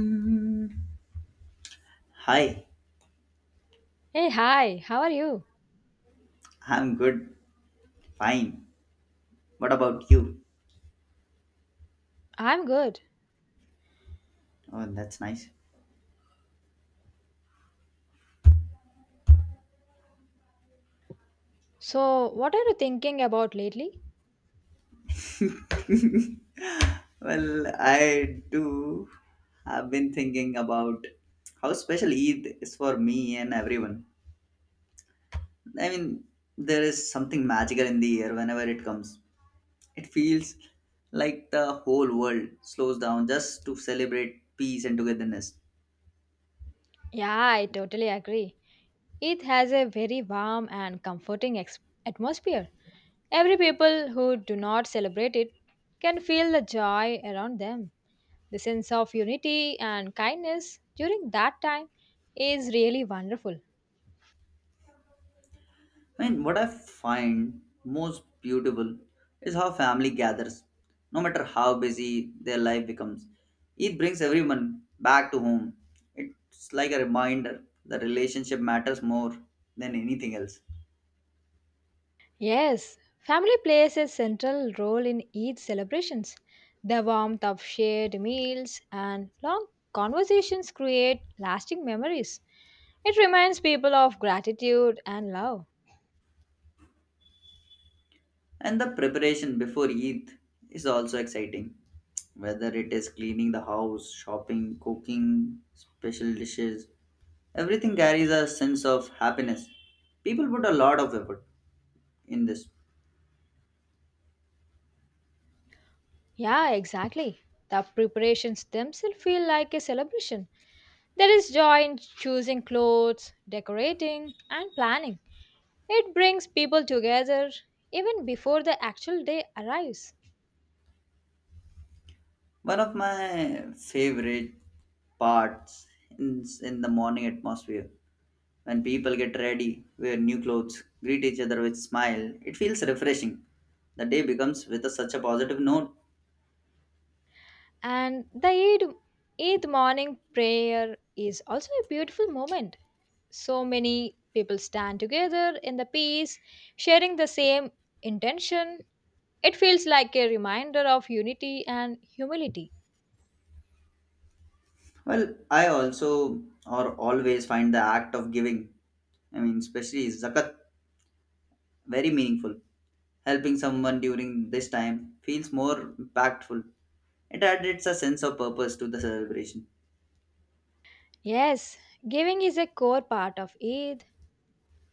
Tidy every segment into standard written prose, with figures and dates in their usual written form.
Mm, Hi, Hey, hi, how are you? I'm good, fine. What about you? I'm good. Oh, that's nice. So, what are you thinking about lately? Well, I do have been thinking about how special Eid is for me and everyone. I mean, there is something magical in the air whenever it comes. It feels like the whole world slows down just to celebrate peace and togetherness. Yeah, I totally agree. It has a very warm and comforting atmosphere. Every people who do not celebrate it can feel the joy around them. The sense of unity and kindness during that time is really wonderful. I mean, what I find most beautiful is how family gathers, no matter how busy their life becomes. It brings everyone back to home. It's like a reminder that relationship matters more than anything else. Yes, family plays a central role in Eid celebrations. The warmth of shared meals and long conversations create lasting memories. It reminds people of gratitude and love. And the preparation before Eid is also exciting, whether it is cleaning the house, shopping, cooking special dishes, everything carries a sense of happiness. People put a lot of effort in this. Yeah, exactly. The preparations themselves feel like a celebration. There is joy in choosing clothes, decorating, and planning. It brings people together even before the actual day arrives. One of my favorite parts in the morning atmosphere when people get ready, wear new clothes, greet each other with smile, it feels refreshing. The day becomes with such a positive note. And Eid morning prayer is also a beautiful moment. So many people stand together in the peace, sharing the same intention. It feels like a reminder of unity and humility. Well, I also or always find the act of giving, I mean especially zakat, very meaningful. Helping someone during this time feels more impactful. It adds a sense of purpose to the celebration. Yes, giving is a core part of Eid.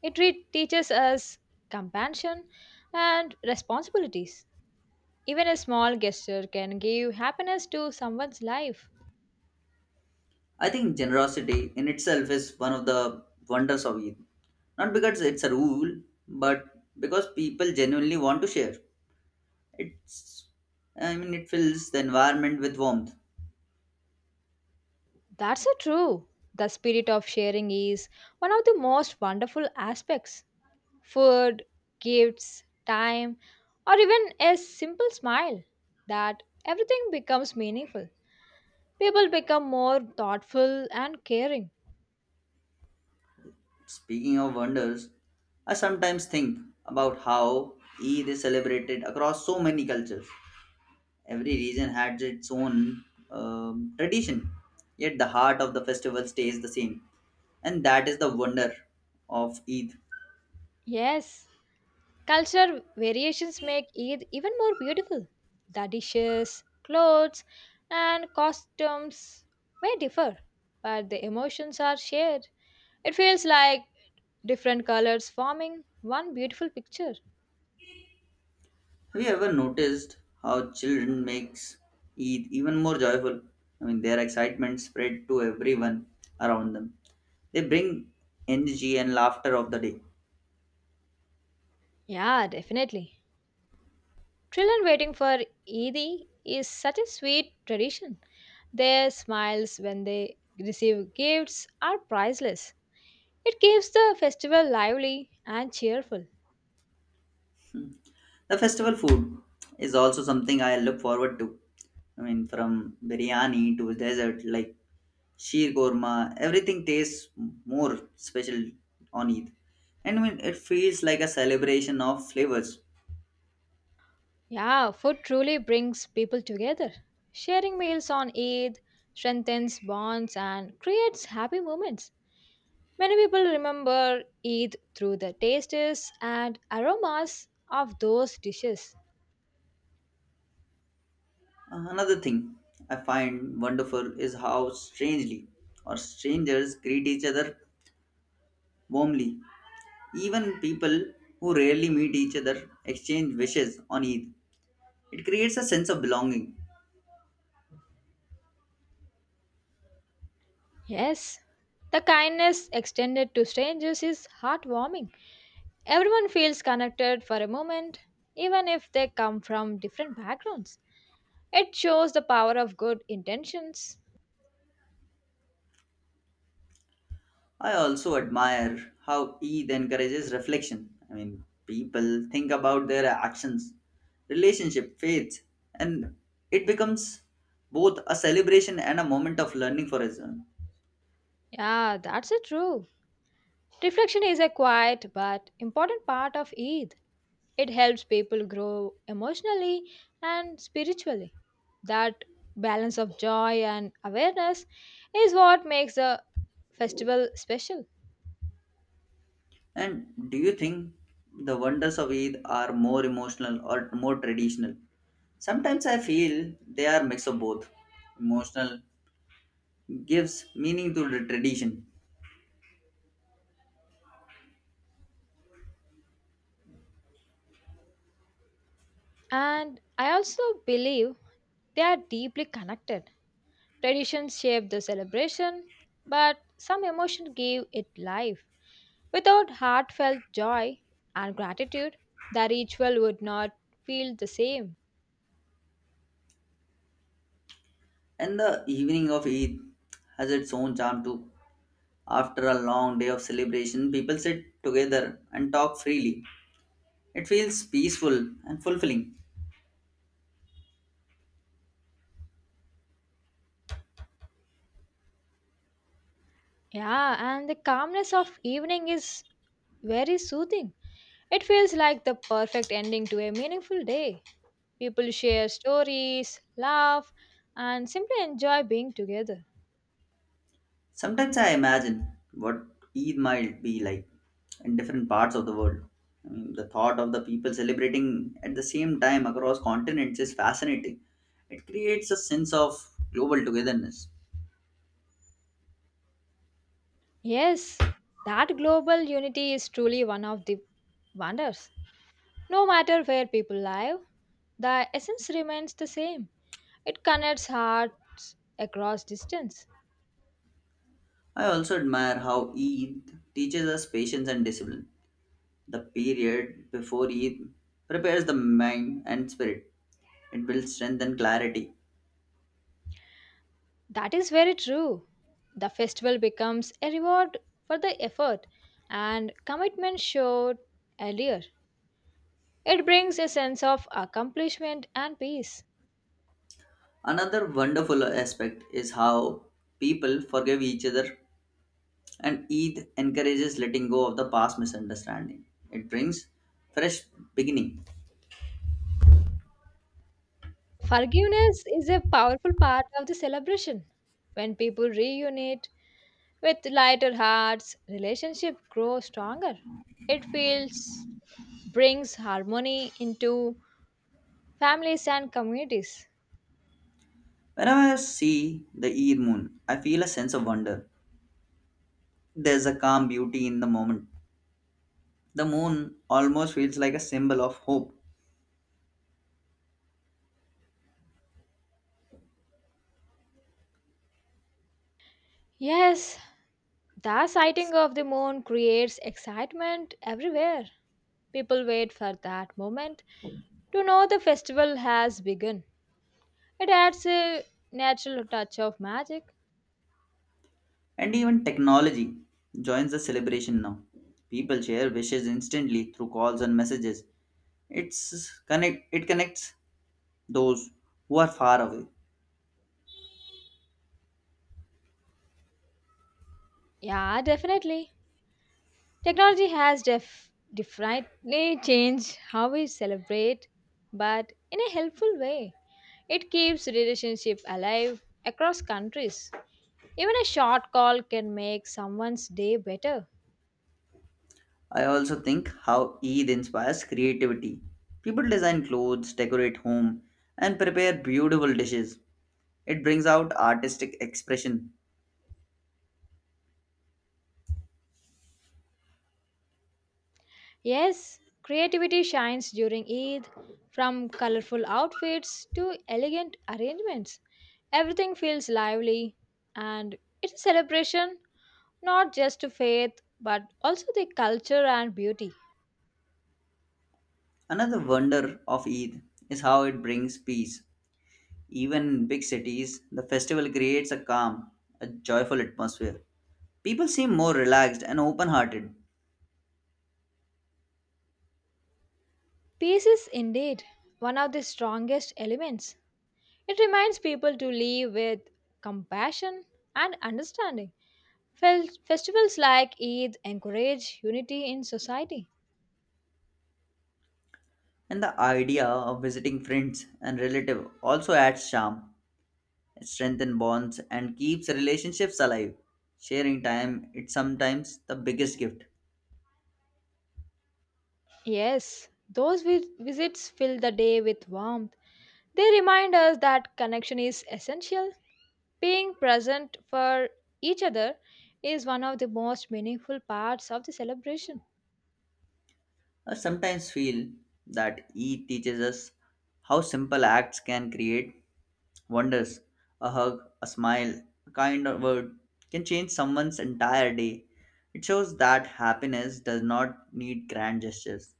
It teaches us compassion and responsibilities. Even a small gesture can give happiness to someone's life. I think generosity in itself is one of the wonders of Eid. Not because it's a rule, but because people genuinely want to share. It's, I mean, it fills the environment with warmth. That's so true. The spirit of sharing is one of the most wonderful aspects. Food, gifts, time, or even a simple smile. That everything becomes meaningful. People become more thoughtful and caring. Speaking of wonders, I sometimes think about how Eid is celebrated across so many cultures. Every region had its own tradition, yet the heart of the festival stays the same, and that is the wonder of Eid. Yes, culture variations make Eid even more beautiful. The dishes, clothes, and costumes may differ, but the emotions are shared. It feels like different colors forming one beautiful picture. Have you ever noticed how children makes Eid even more joyful? I mean, their excitement spread to everyone around them. They bring energy and laughter of the day. Yeah, definitely. Children waiting for Eid is such a sweet tradition. Their smiles when they receive gifts are priceless. It keeps the festival lively and cheerful. Hmm. The festival food is also something I look forward to. I mean, from biryani to dessert, like sheer korma, everything tastes more special on Eid. And I mean, it feels like a celebration of flavors. Yeah, food truly brings people together. Sharing meals on Eid strengthens bonds and creates happy moments. Many people remember Eid through the tastes and aromas of those dishes. Another thing I find wonderful is how strangely or strangers greet each other warmly. Even people who rarely meet each other exchange wishes on Eid. It creates a sense of belonging. Yes, the kindness extended to strangers is heartwarming. Everyone feels connected for a moment, even if they come from different backgrounds. It shows the power of good intentions. I also admire how Eid encourages reflection. I mean, people think about their actions, relationship, faith, and it becomes both a celebration and a moment of learning for us. Yeah, that's it true. Reflection is a quiet but important part of Eid. It helps people grow emotionally and spiritually. That balance of joy and awareness is what makes the festival special. And do you think the wonders of Eid are more emotional or more traditional? Sometimes I feel they are mix of both. Emotional gives meaning to the tradition, And I also believe they are deeply connected. Traditions shape the celebration, but some emotion give it life. Without heartfelt joy and gratitude, the ritual would not feel the same. and the evening of Eid has its own charm too. After a long day of celebration, people sit together and talk freely. It feels peaceful and fulfilling. Yeah, and the calmness of evening is very soothing. It feels like the perfect ending to a meaningful day. People share stories, laugh, and simply enjoy being together. Sometimes I imagine what Eid might be like in different parts of the world. I mean, the thought of the people celebrating at the same time across continents is fascinating. It creates a sense of global togetherness. Yes, that global unity is truly one of the wonders. No matter where people live, the essence remains the same. It connects hearts across distance. I also admire how Eid teaches us patience and discipline. The period before Eid prepares the mind and spirit. It builds strength and clarity. That is very true. The festival becomes a reward for the effort and commitment showed earlier. It brings a sense of accomplishment and peace. Another wonderful aspect is how people forgive each other. And Eid encourages letting go of the past misunderstanding. It brings fresh beginning. Forgiveness is a powerful part of the celebration. When people reunite with lighter hearts, relationships grow stronger. It feels brings harmony into families and communities. Whenever I see the Eid moon, I feel a sense of wonder. There's a calm beauty in the moment. The moon almost feels like a symbol of hope. Yes, the sighting of the moon creates excitement everywhere. People wait for that moment to know the festival has begun. It adds a natural touch of magic. And even technology joins the celebration now. People share wishes instantly through calls and messages. It connects those who are far away. Yeah, definitely. Technology has definitely changed how we celebrate, but in a helpful way. It keeps relationship alive across countries. Even a short call can make someone's day better. I also think how Eid inspires creativity. People design clothes, decorate home, and prepare beautiful dishes. It brings out artistic expression. Yes, creativity shines during Eid, from colorful outfits to elegant arrangements. Everything feels lively, and it's a celebration not just to faith but also the culture and beauty. Another wonder of Eid is how it brings peace. Even in big cities, the festival creates a calm, a joyful atmosphere. People seem more relaxed and open hearted, Peace is indeed one of the strongest elements. It reminds people to live with compassion and understanding. Festivals like Eid encourage unity in society. and the idea of visiting friends and relatives also adds charm. Strengthen bonds, and keeps relationships alive. Sharing time, it's sometimes the biggest gift. Yes, those visits fill the day with warmth. They remind us that connection is essential. Being present for each other is one of the most meaningful parts of the celebration. I sometimes feel that E teaches us how simple acts can create wonders. A hug, a smile, a kind word can change someone's entire day. It shows that happiness does not need grand gestures.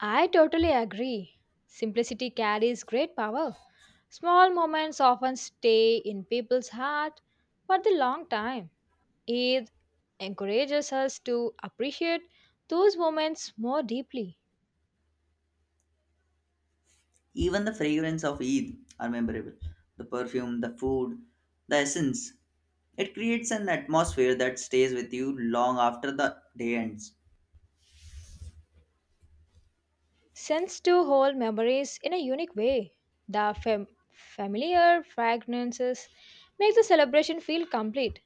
I totally agree. Simplicity carries great power. Small moments often stay in people's heart for the long time. Eid encourages us to appreciate those moments more deeply. Even the fragrance of Eid are memorable. The perfume, the food, the essence. It creates an atmosphere that stays with you long after the day ends. Since to hold memories in a unique way, the familiar fragrances make the celebration feel complete.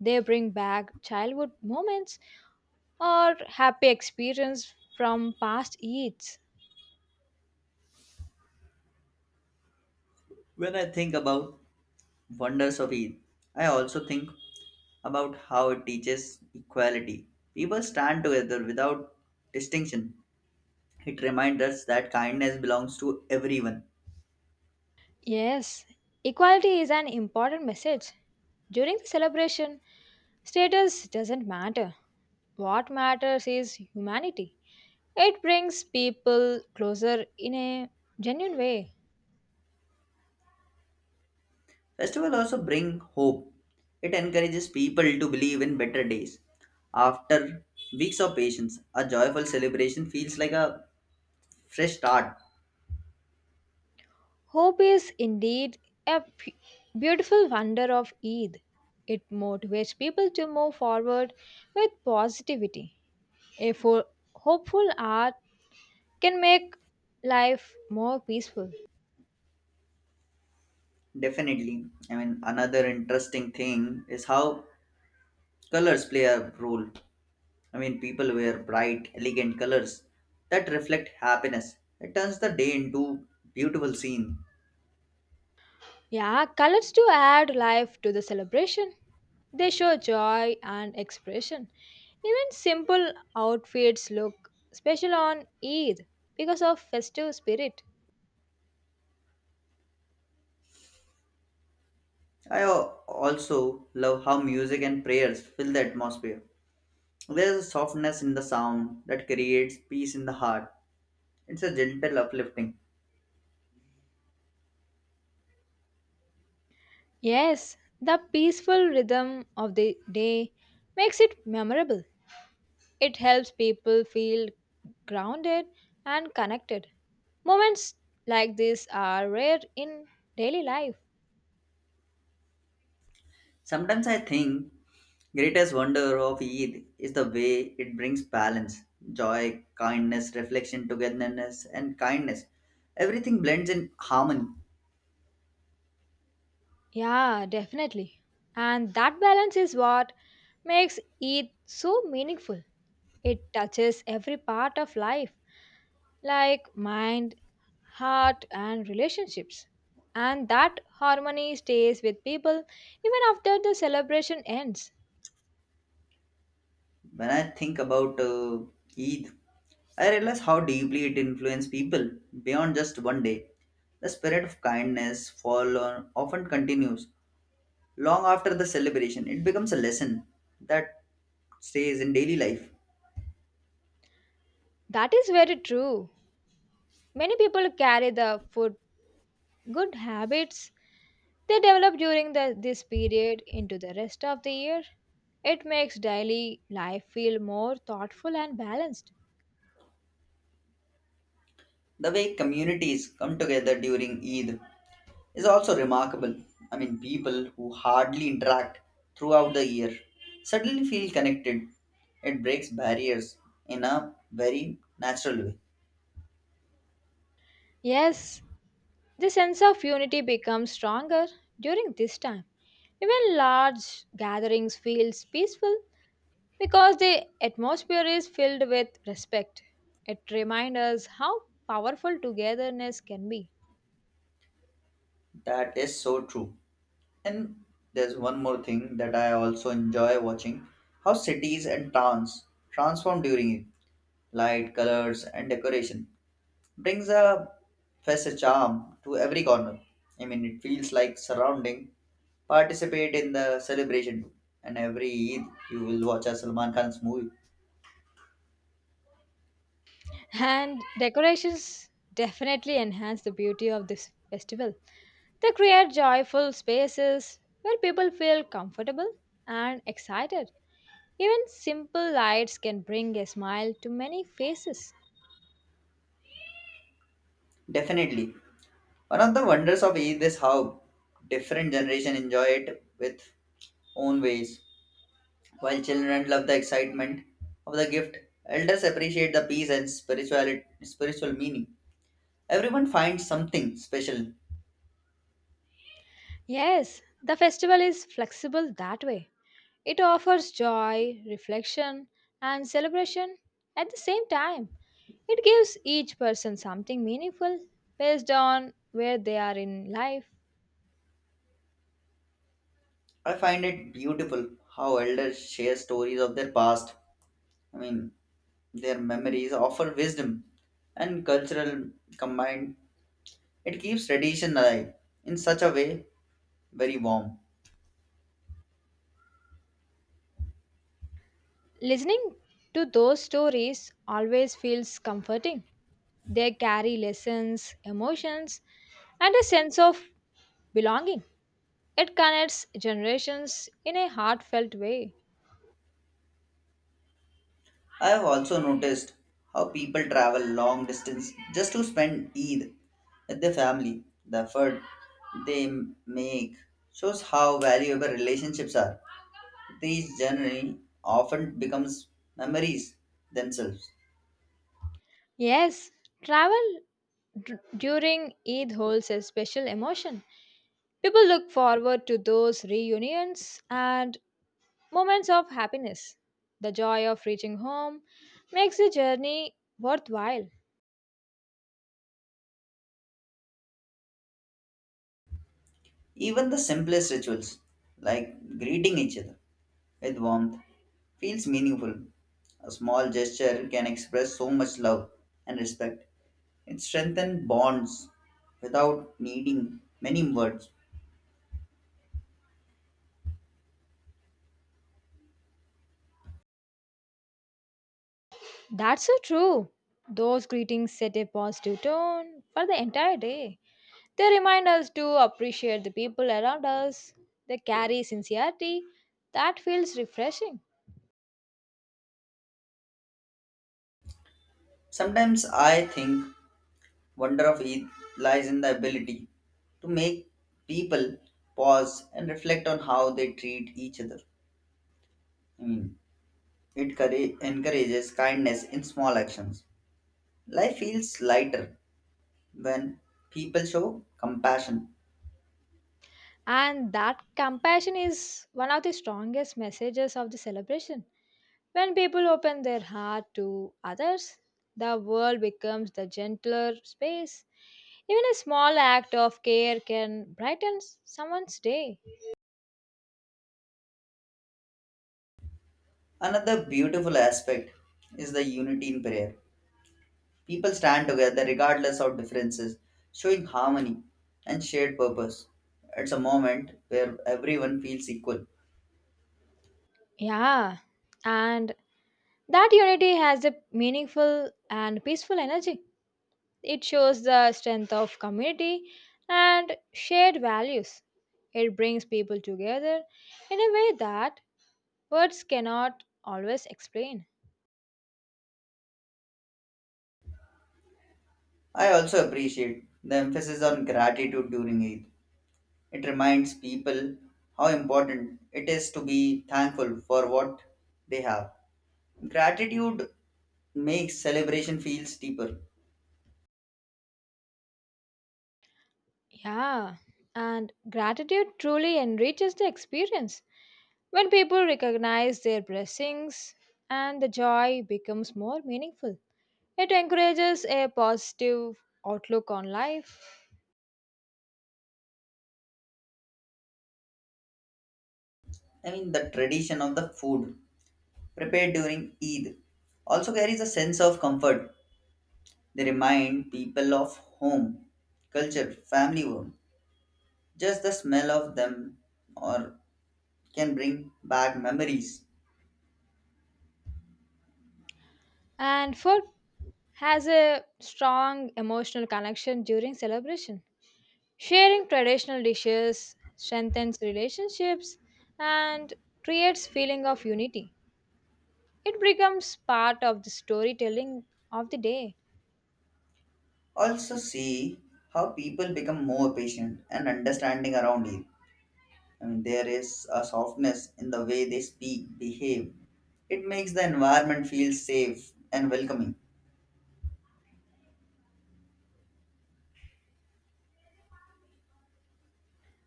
They bring back childhood moments or happy experience from past Eids. When I think about wonders of Eid, I also think about how it teaches equality. People stand together without distinction. It reminds us that kindness belongs to everyone. Yes, equality is an important message. During the celebration, status doesn't matter. What matters is humanity. It brings people closer in a genuine way. Festival also bring hope. It encourages people to believe in better days. After weeks of patience, a joyful celebration feels like a fresh start. Hope is indeed a p- beautiful wonder of Eid. It motivates people to move forward with positivity. A hopeful art can make life more peaceful. Definitely. I mean, another interesting thing is how colors play a role. I mean, people wear bright, elegant colors that reflect happiness. It turns the day into beautiful scene. Yeah, colors do add life to the celebration. They show joy and expression. Even simple outfits look special on Eid because of festive spirit. I also love how music and prayers fill the atmosphere. There's a softness in the sound that creates peace in the heart. It's a gentle uplifting. Yes, the peaceful rhythm of the day makes it memorable. It helps people feel grounded and connected. Moments like this are rare in daily life. Sometimes I think greatest wonder of Eid is the way it brings balance, joy, kindness, reflection, togetherness, and kindness. Everything blends in harmony. Yeah, definitely. And that balance is what makes it so meaningful. It touches every part of life, like mind, heart, and relationships. And that harmony stays with people even after the celebration ends. When I think about Eid, I realize how deeply it influences people beyond just one day. The spirit of often continues. Long after the celebration, it becomes a lesson that stays in daily life. That is very true. Many people carry the food good habits they develop during this period into the rest of the year. It makes daily life feel more thoughtful and balanced. The way communities come together during Eid is also remarkable. I mean, people who hardly interact throughout the year suddenly feel connected. It breaks barriers in a very natural way. Yes, the sense of unity becomes stronger during this time. Even large gatherings feels peaceful because the atmosphere is filled with respect. It reminds us how powerful togetherness can be. That is so true. And there's one more thing that I also enjoy watching how cities and towns transform during it. Light, colors, and decoration brings a fresh charm to every corner. I mean, it feels like surrounding. Participate in the celebration too. And every Eid, you will watch a Salman Khan's movie. And decorations definitely enhance the beauty of this festival. They create joyful spaces where people feel comfortable and excited. Even simple lights can bring a smile to many faces. Definitely. One of the wonders of Eid is how different generation enjoy it with own ways. While children love the excitement of the gift, elders appreciate the peace and spirituality, spiritual meaning. Everyone finds something special. Yes, the festival is flexible that way. It offers joy, reflection, and celebration at the same time. It gives each person something meaningful based on where they are in life. I find it beautiful how elders share stories of their past. I mean, their memories offer wisdom and cultural combined. It keeps tradition alive in such a way very warm. Listening to those stories always feels comforting. They carry lessons, emotions, and a sense of belonging. It connects generations in a heartfelt way. I have also noticed how people travel long distance just to spend Eid with their family. The effort they make shows how valuable relationships are. These generally often becomes memories themselves. Yes, travel during Eid holds a special emotion. People look forward to those reunions and moments of happiness. The joy of reaching home makes the journey worthwhile. Even the simplest rituals like greeting each other with warmth feels meaningful. A small gesture can express so much love and respect. It strengthens bonds without needing many words. That's so true. Those greetings set a positive tone for the entire day. They remind us to appreciate the people around us. They carry sincerity that feels refreshing. Sometimes I think wonder of Eid lies in the ability to make people pause and reflect on how they treat each other. I mean, encourages kindness in small actions. Life feels lighter when people show compassion. And that compassion is one of the strongest messages of the celebration. When people open their heart to others, the world becomes the gentler space. Even a small act of care can brighten someone's day. Another beautiful aspect is the unity in prayer. People stand together regardless of differences, showing harmony and shared purpose. It's a moment where everyone feels equal. Yeah, and that unity has a meaningful and peaceful energy. It shows the strength of community and shared values. It brings people together in a way that words cannot always explain. I also appreciate the emphasis on gratitude during Eid. It reminds people how important it is to be thankful for what they have. Gratitude makes celebration feels deeper. Yeah, and gratitude truly enriches the experience. When people recognize their blessings, and the joy becomes more meaningful. It encourages a positive outlook on life. I mean, the tradition of the food prepared during Eid also carries a sense of comfort. They remind people of home, culture, family warmth. Just the smell of them or can bring back memories. And food has a strong emotional connection during celebration. Sharing traditional dishes strengthens relationships and creates feeling of unity. It becomes part of the storytelling of the day. Also see how people become more patient and understanding around Eid. I mean, there is a softness in the way they speak, behave. It makes the environment feel safe and welcoming.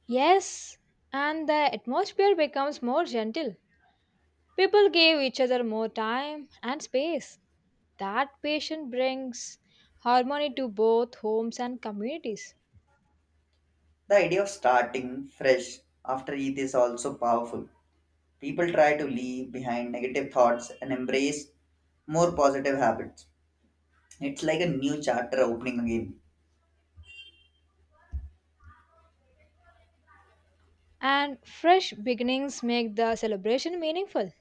Yes, and the atmosphere becomes more gentle. People gave each other more time and space. That patience brings harmony to both homes and communities. The idea of starting fresh after Eid is also powerful. People try to leave behind negative thoughts and embrace more positive habits. It's like a new chapter opening again. And fresh beginnings make the celebration meaningful.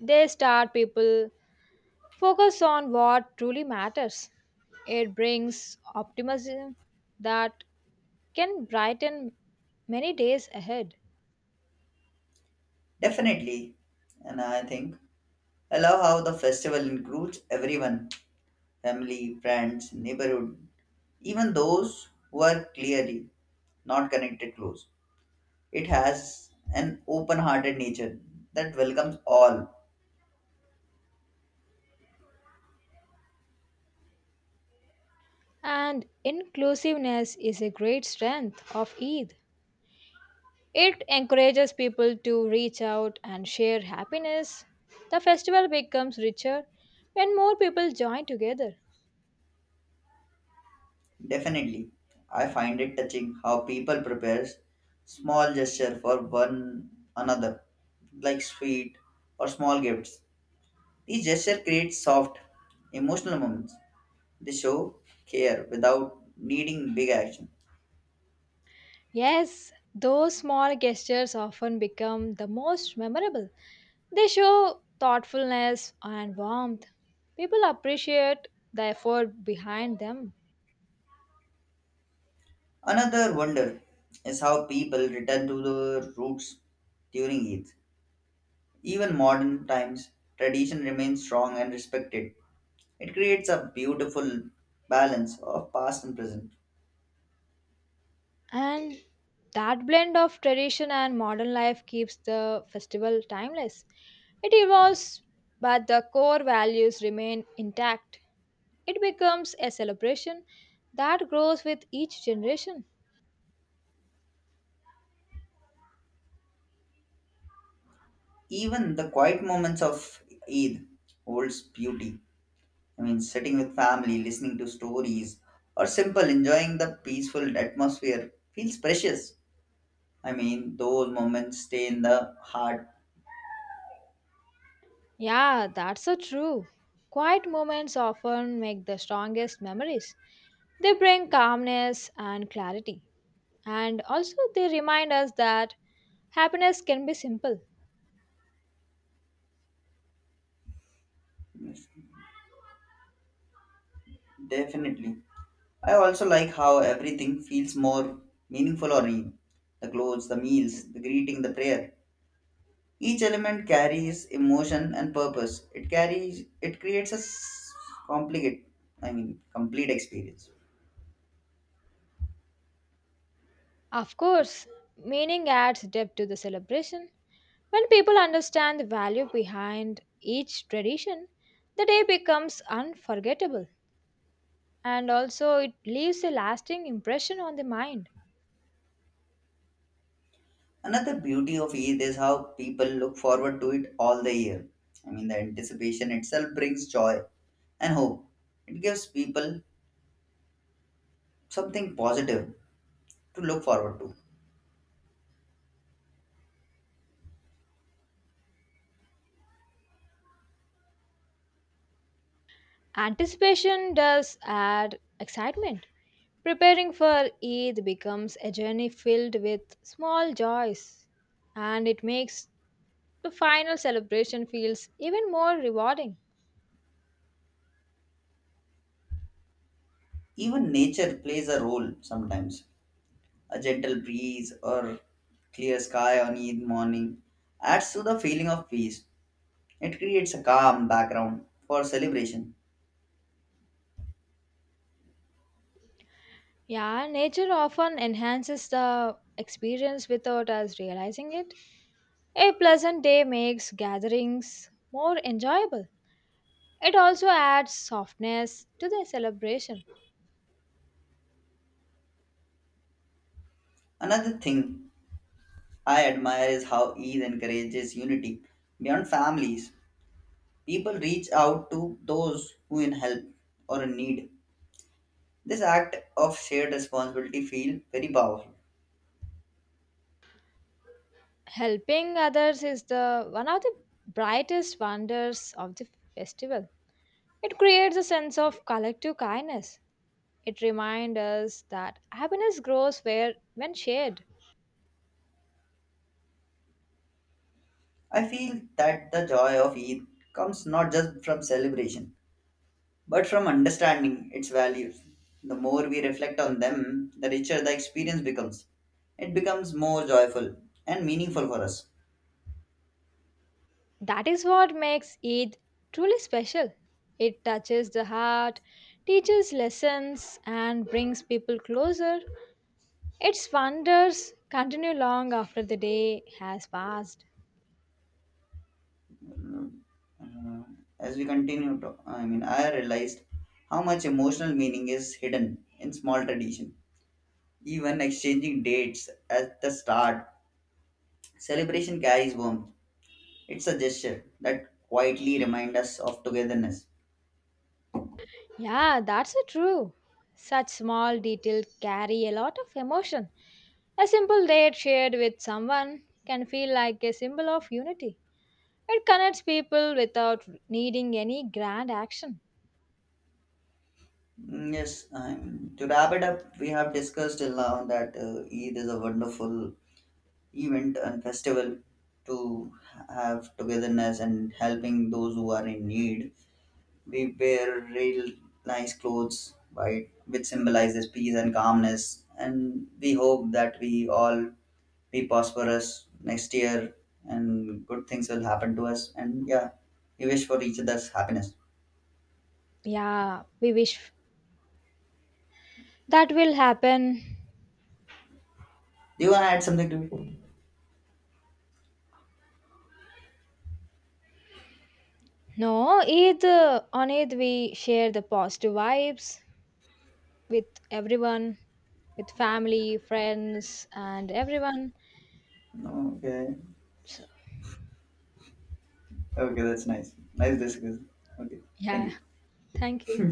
They start people focus on what truly matters. It brings optimism that can brighten many days ahead. Definitely. And I think I love how the festival includes everyone family, friends, neighborhood, even those who are clearly not connected close. It has an open hearted nature that welcomes all. And inclusiveness is a great strength of Eid. It encourages people to reach out and share happiness. The festival becomes richer when more people join together. Definitely. I find it touching how people prepare small gestures for one another, like sweet or small gifts. These gestures create soft, emotional moments. They show care without needing big action. Yes, those small gestures often become the most memorable. They show thoughtfulness and warmth. People appreciate the effort behind them. Another wonder is how people return to their roots during Eid. Even modern times, tradition remains strong and respected. It creates a beautiful balance of past and present. And that blend of tradition and modern life keeps the festival timeless. It evolves, but the core values remain intact. It becomes a celebration that grows with each generation. Even the quiet moments of Eid holds beauty. I mean, sitting with family, listening to stories, or simple enjoying the peaceful atmosphere feels precious. I mean, those moments stay in the heart. Yeah, that's so true. Quiet moments often make the strongest memories. They bring calmness and clarity. And also, they remind us that happiness can be simple. Yes, definitely. I also like how everything feels more meaningful on Eid. The clothes, the meals, the greeting, the prayer. Each element carries emotion and purpose. It creates a s- complicate, I mean, complete experience. Of course, meaning adds depth to the celebration. When people understand the value behind each tradition, the day becomes unforgettable, and also it leaves a lasting impression on the mind. Another beauty of Eid is how people look forward to it all the year. I mean, the anticipation itself brings joy and hope. It gives people something positive to look forward to. Anticipation does add excitement. Preparing for Eid becomes a journey filled with small joys, and it makes the final celebration feels even more rewarding. Even nature plays a role sometimes. A gentle breeze or clear sky on Eid morning adds to the feeling of peace. It creates a calm background for celebration. Yeah, nature often enhances the experience without us realizing it. A pleasant day makes gatherings more enjoyable. It also adds softness to the celebration. Another thing I admire is how Eid encourages unity beyond families. People reach out to those who in help or in need. This act of shared responsibility feel very powerful. Helping others is the one of the brightest wonders of the festival. It creates a sense of collective kindness. It reminds us that happiness grows where when shared. I feel that the joy of Eid comes not just from celebration, but from understanding its values. The more we reflect on them, the richer the experience becomes. It becomes more joyful and meaningful for us. That is what makes Eid truly special. It touches the heart, teaches lessons, and brings people closer. Its wonders continue long after the day has passed. Uh, as we continue to, I mean I realized how much emotional meaning is hidden in small tradition even exchanging dates at the start. Celebration carries warmth. It's a gesture that quietly reminds us of togetherness. Yeah, that's a true. Such small details carry a lot of emotion. A simple date shared with someone can feel like a symbol of unity. It connects people without needing any grand action. Yes, to wrap it up, we have discussed till now that Eid is a wonderful event and festival to have togetherness and helping those who are in need. We wear real nice clothes, right, which symbolizes peace and calmness. And we hope that we all be prosperous next year and good things will happen to us. And yeah, we wish for each other's happiness. Yeah, we wish that will happen. Do you want to add something to it? No, Eid, on Eid we share the positive vibes with everyone, with family, friends, and everyone. No, okay. So, Okay, that's nice. Nice discussion. Okay, thank yeah, you. thank you.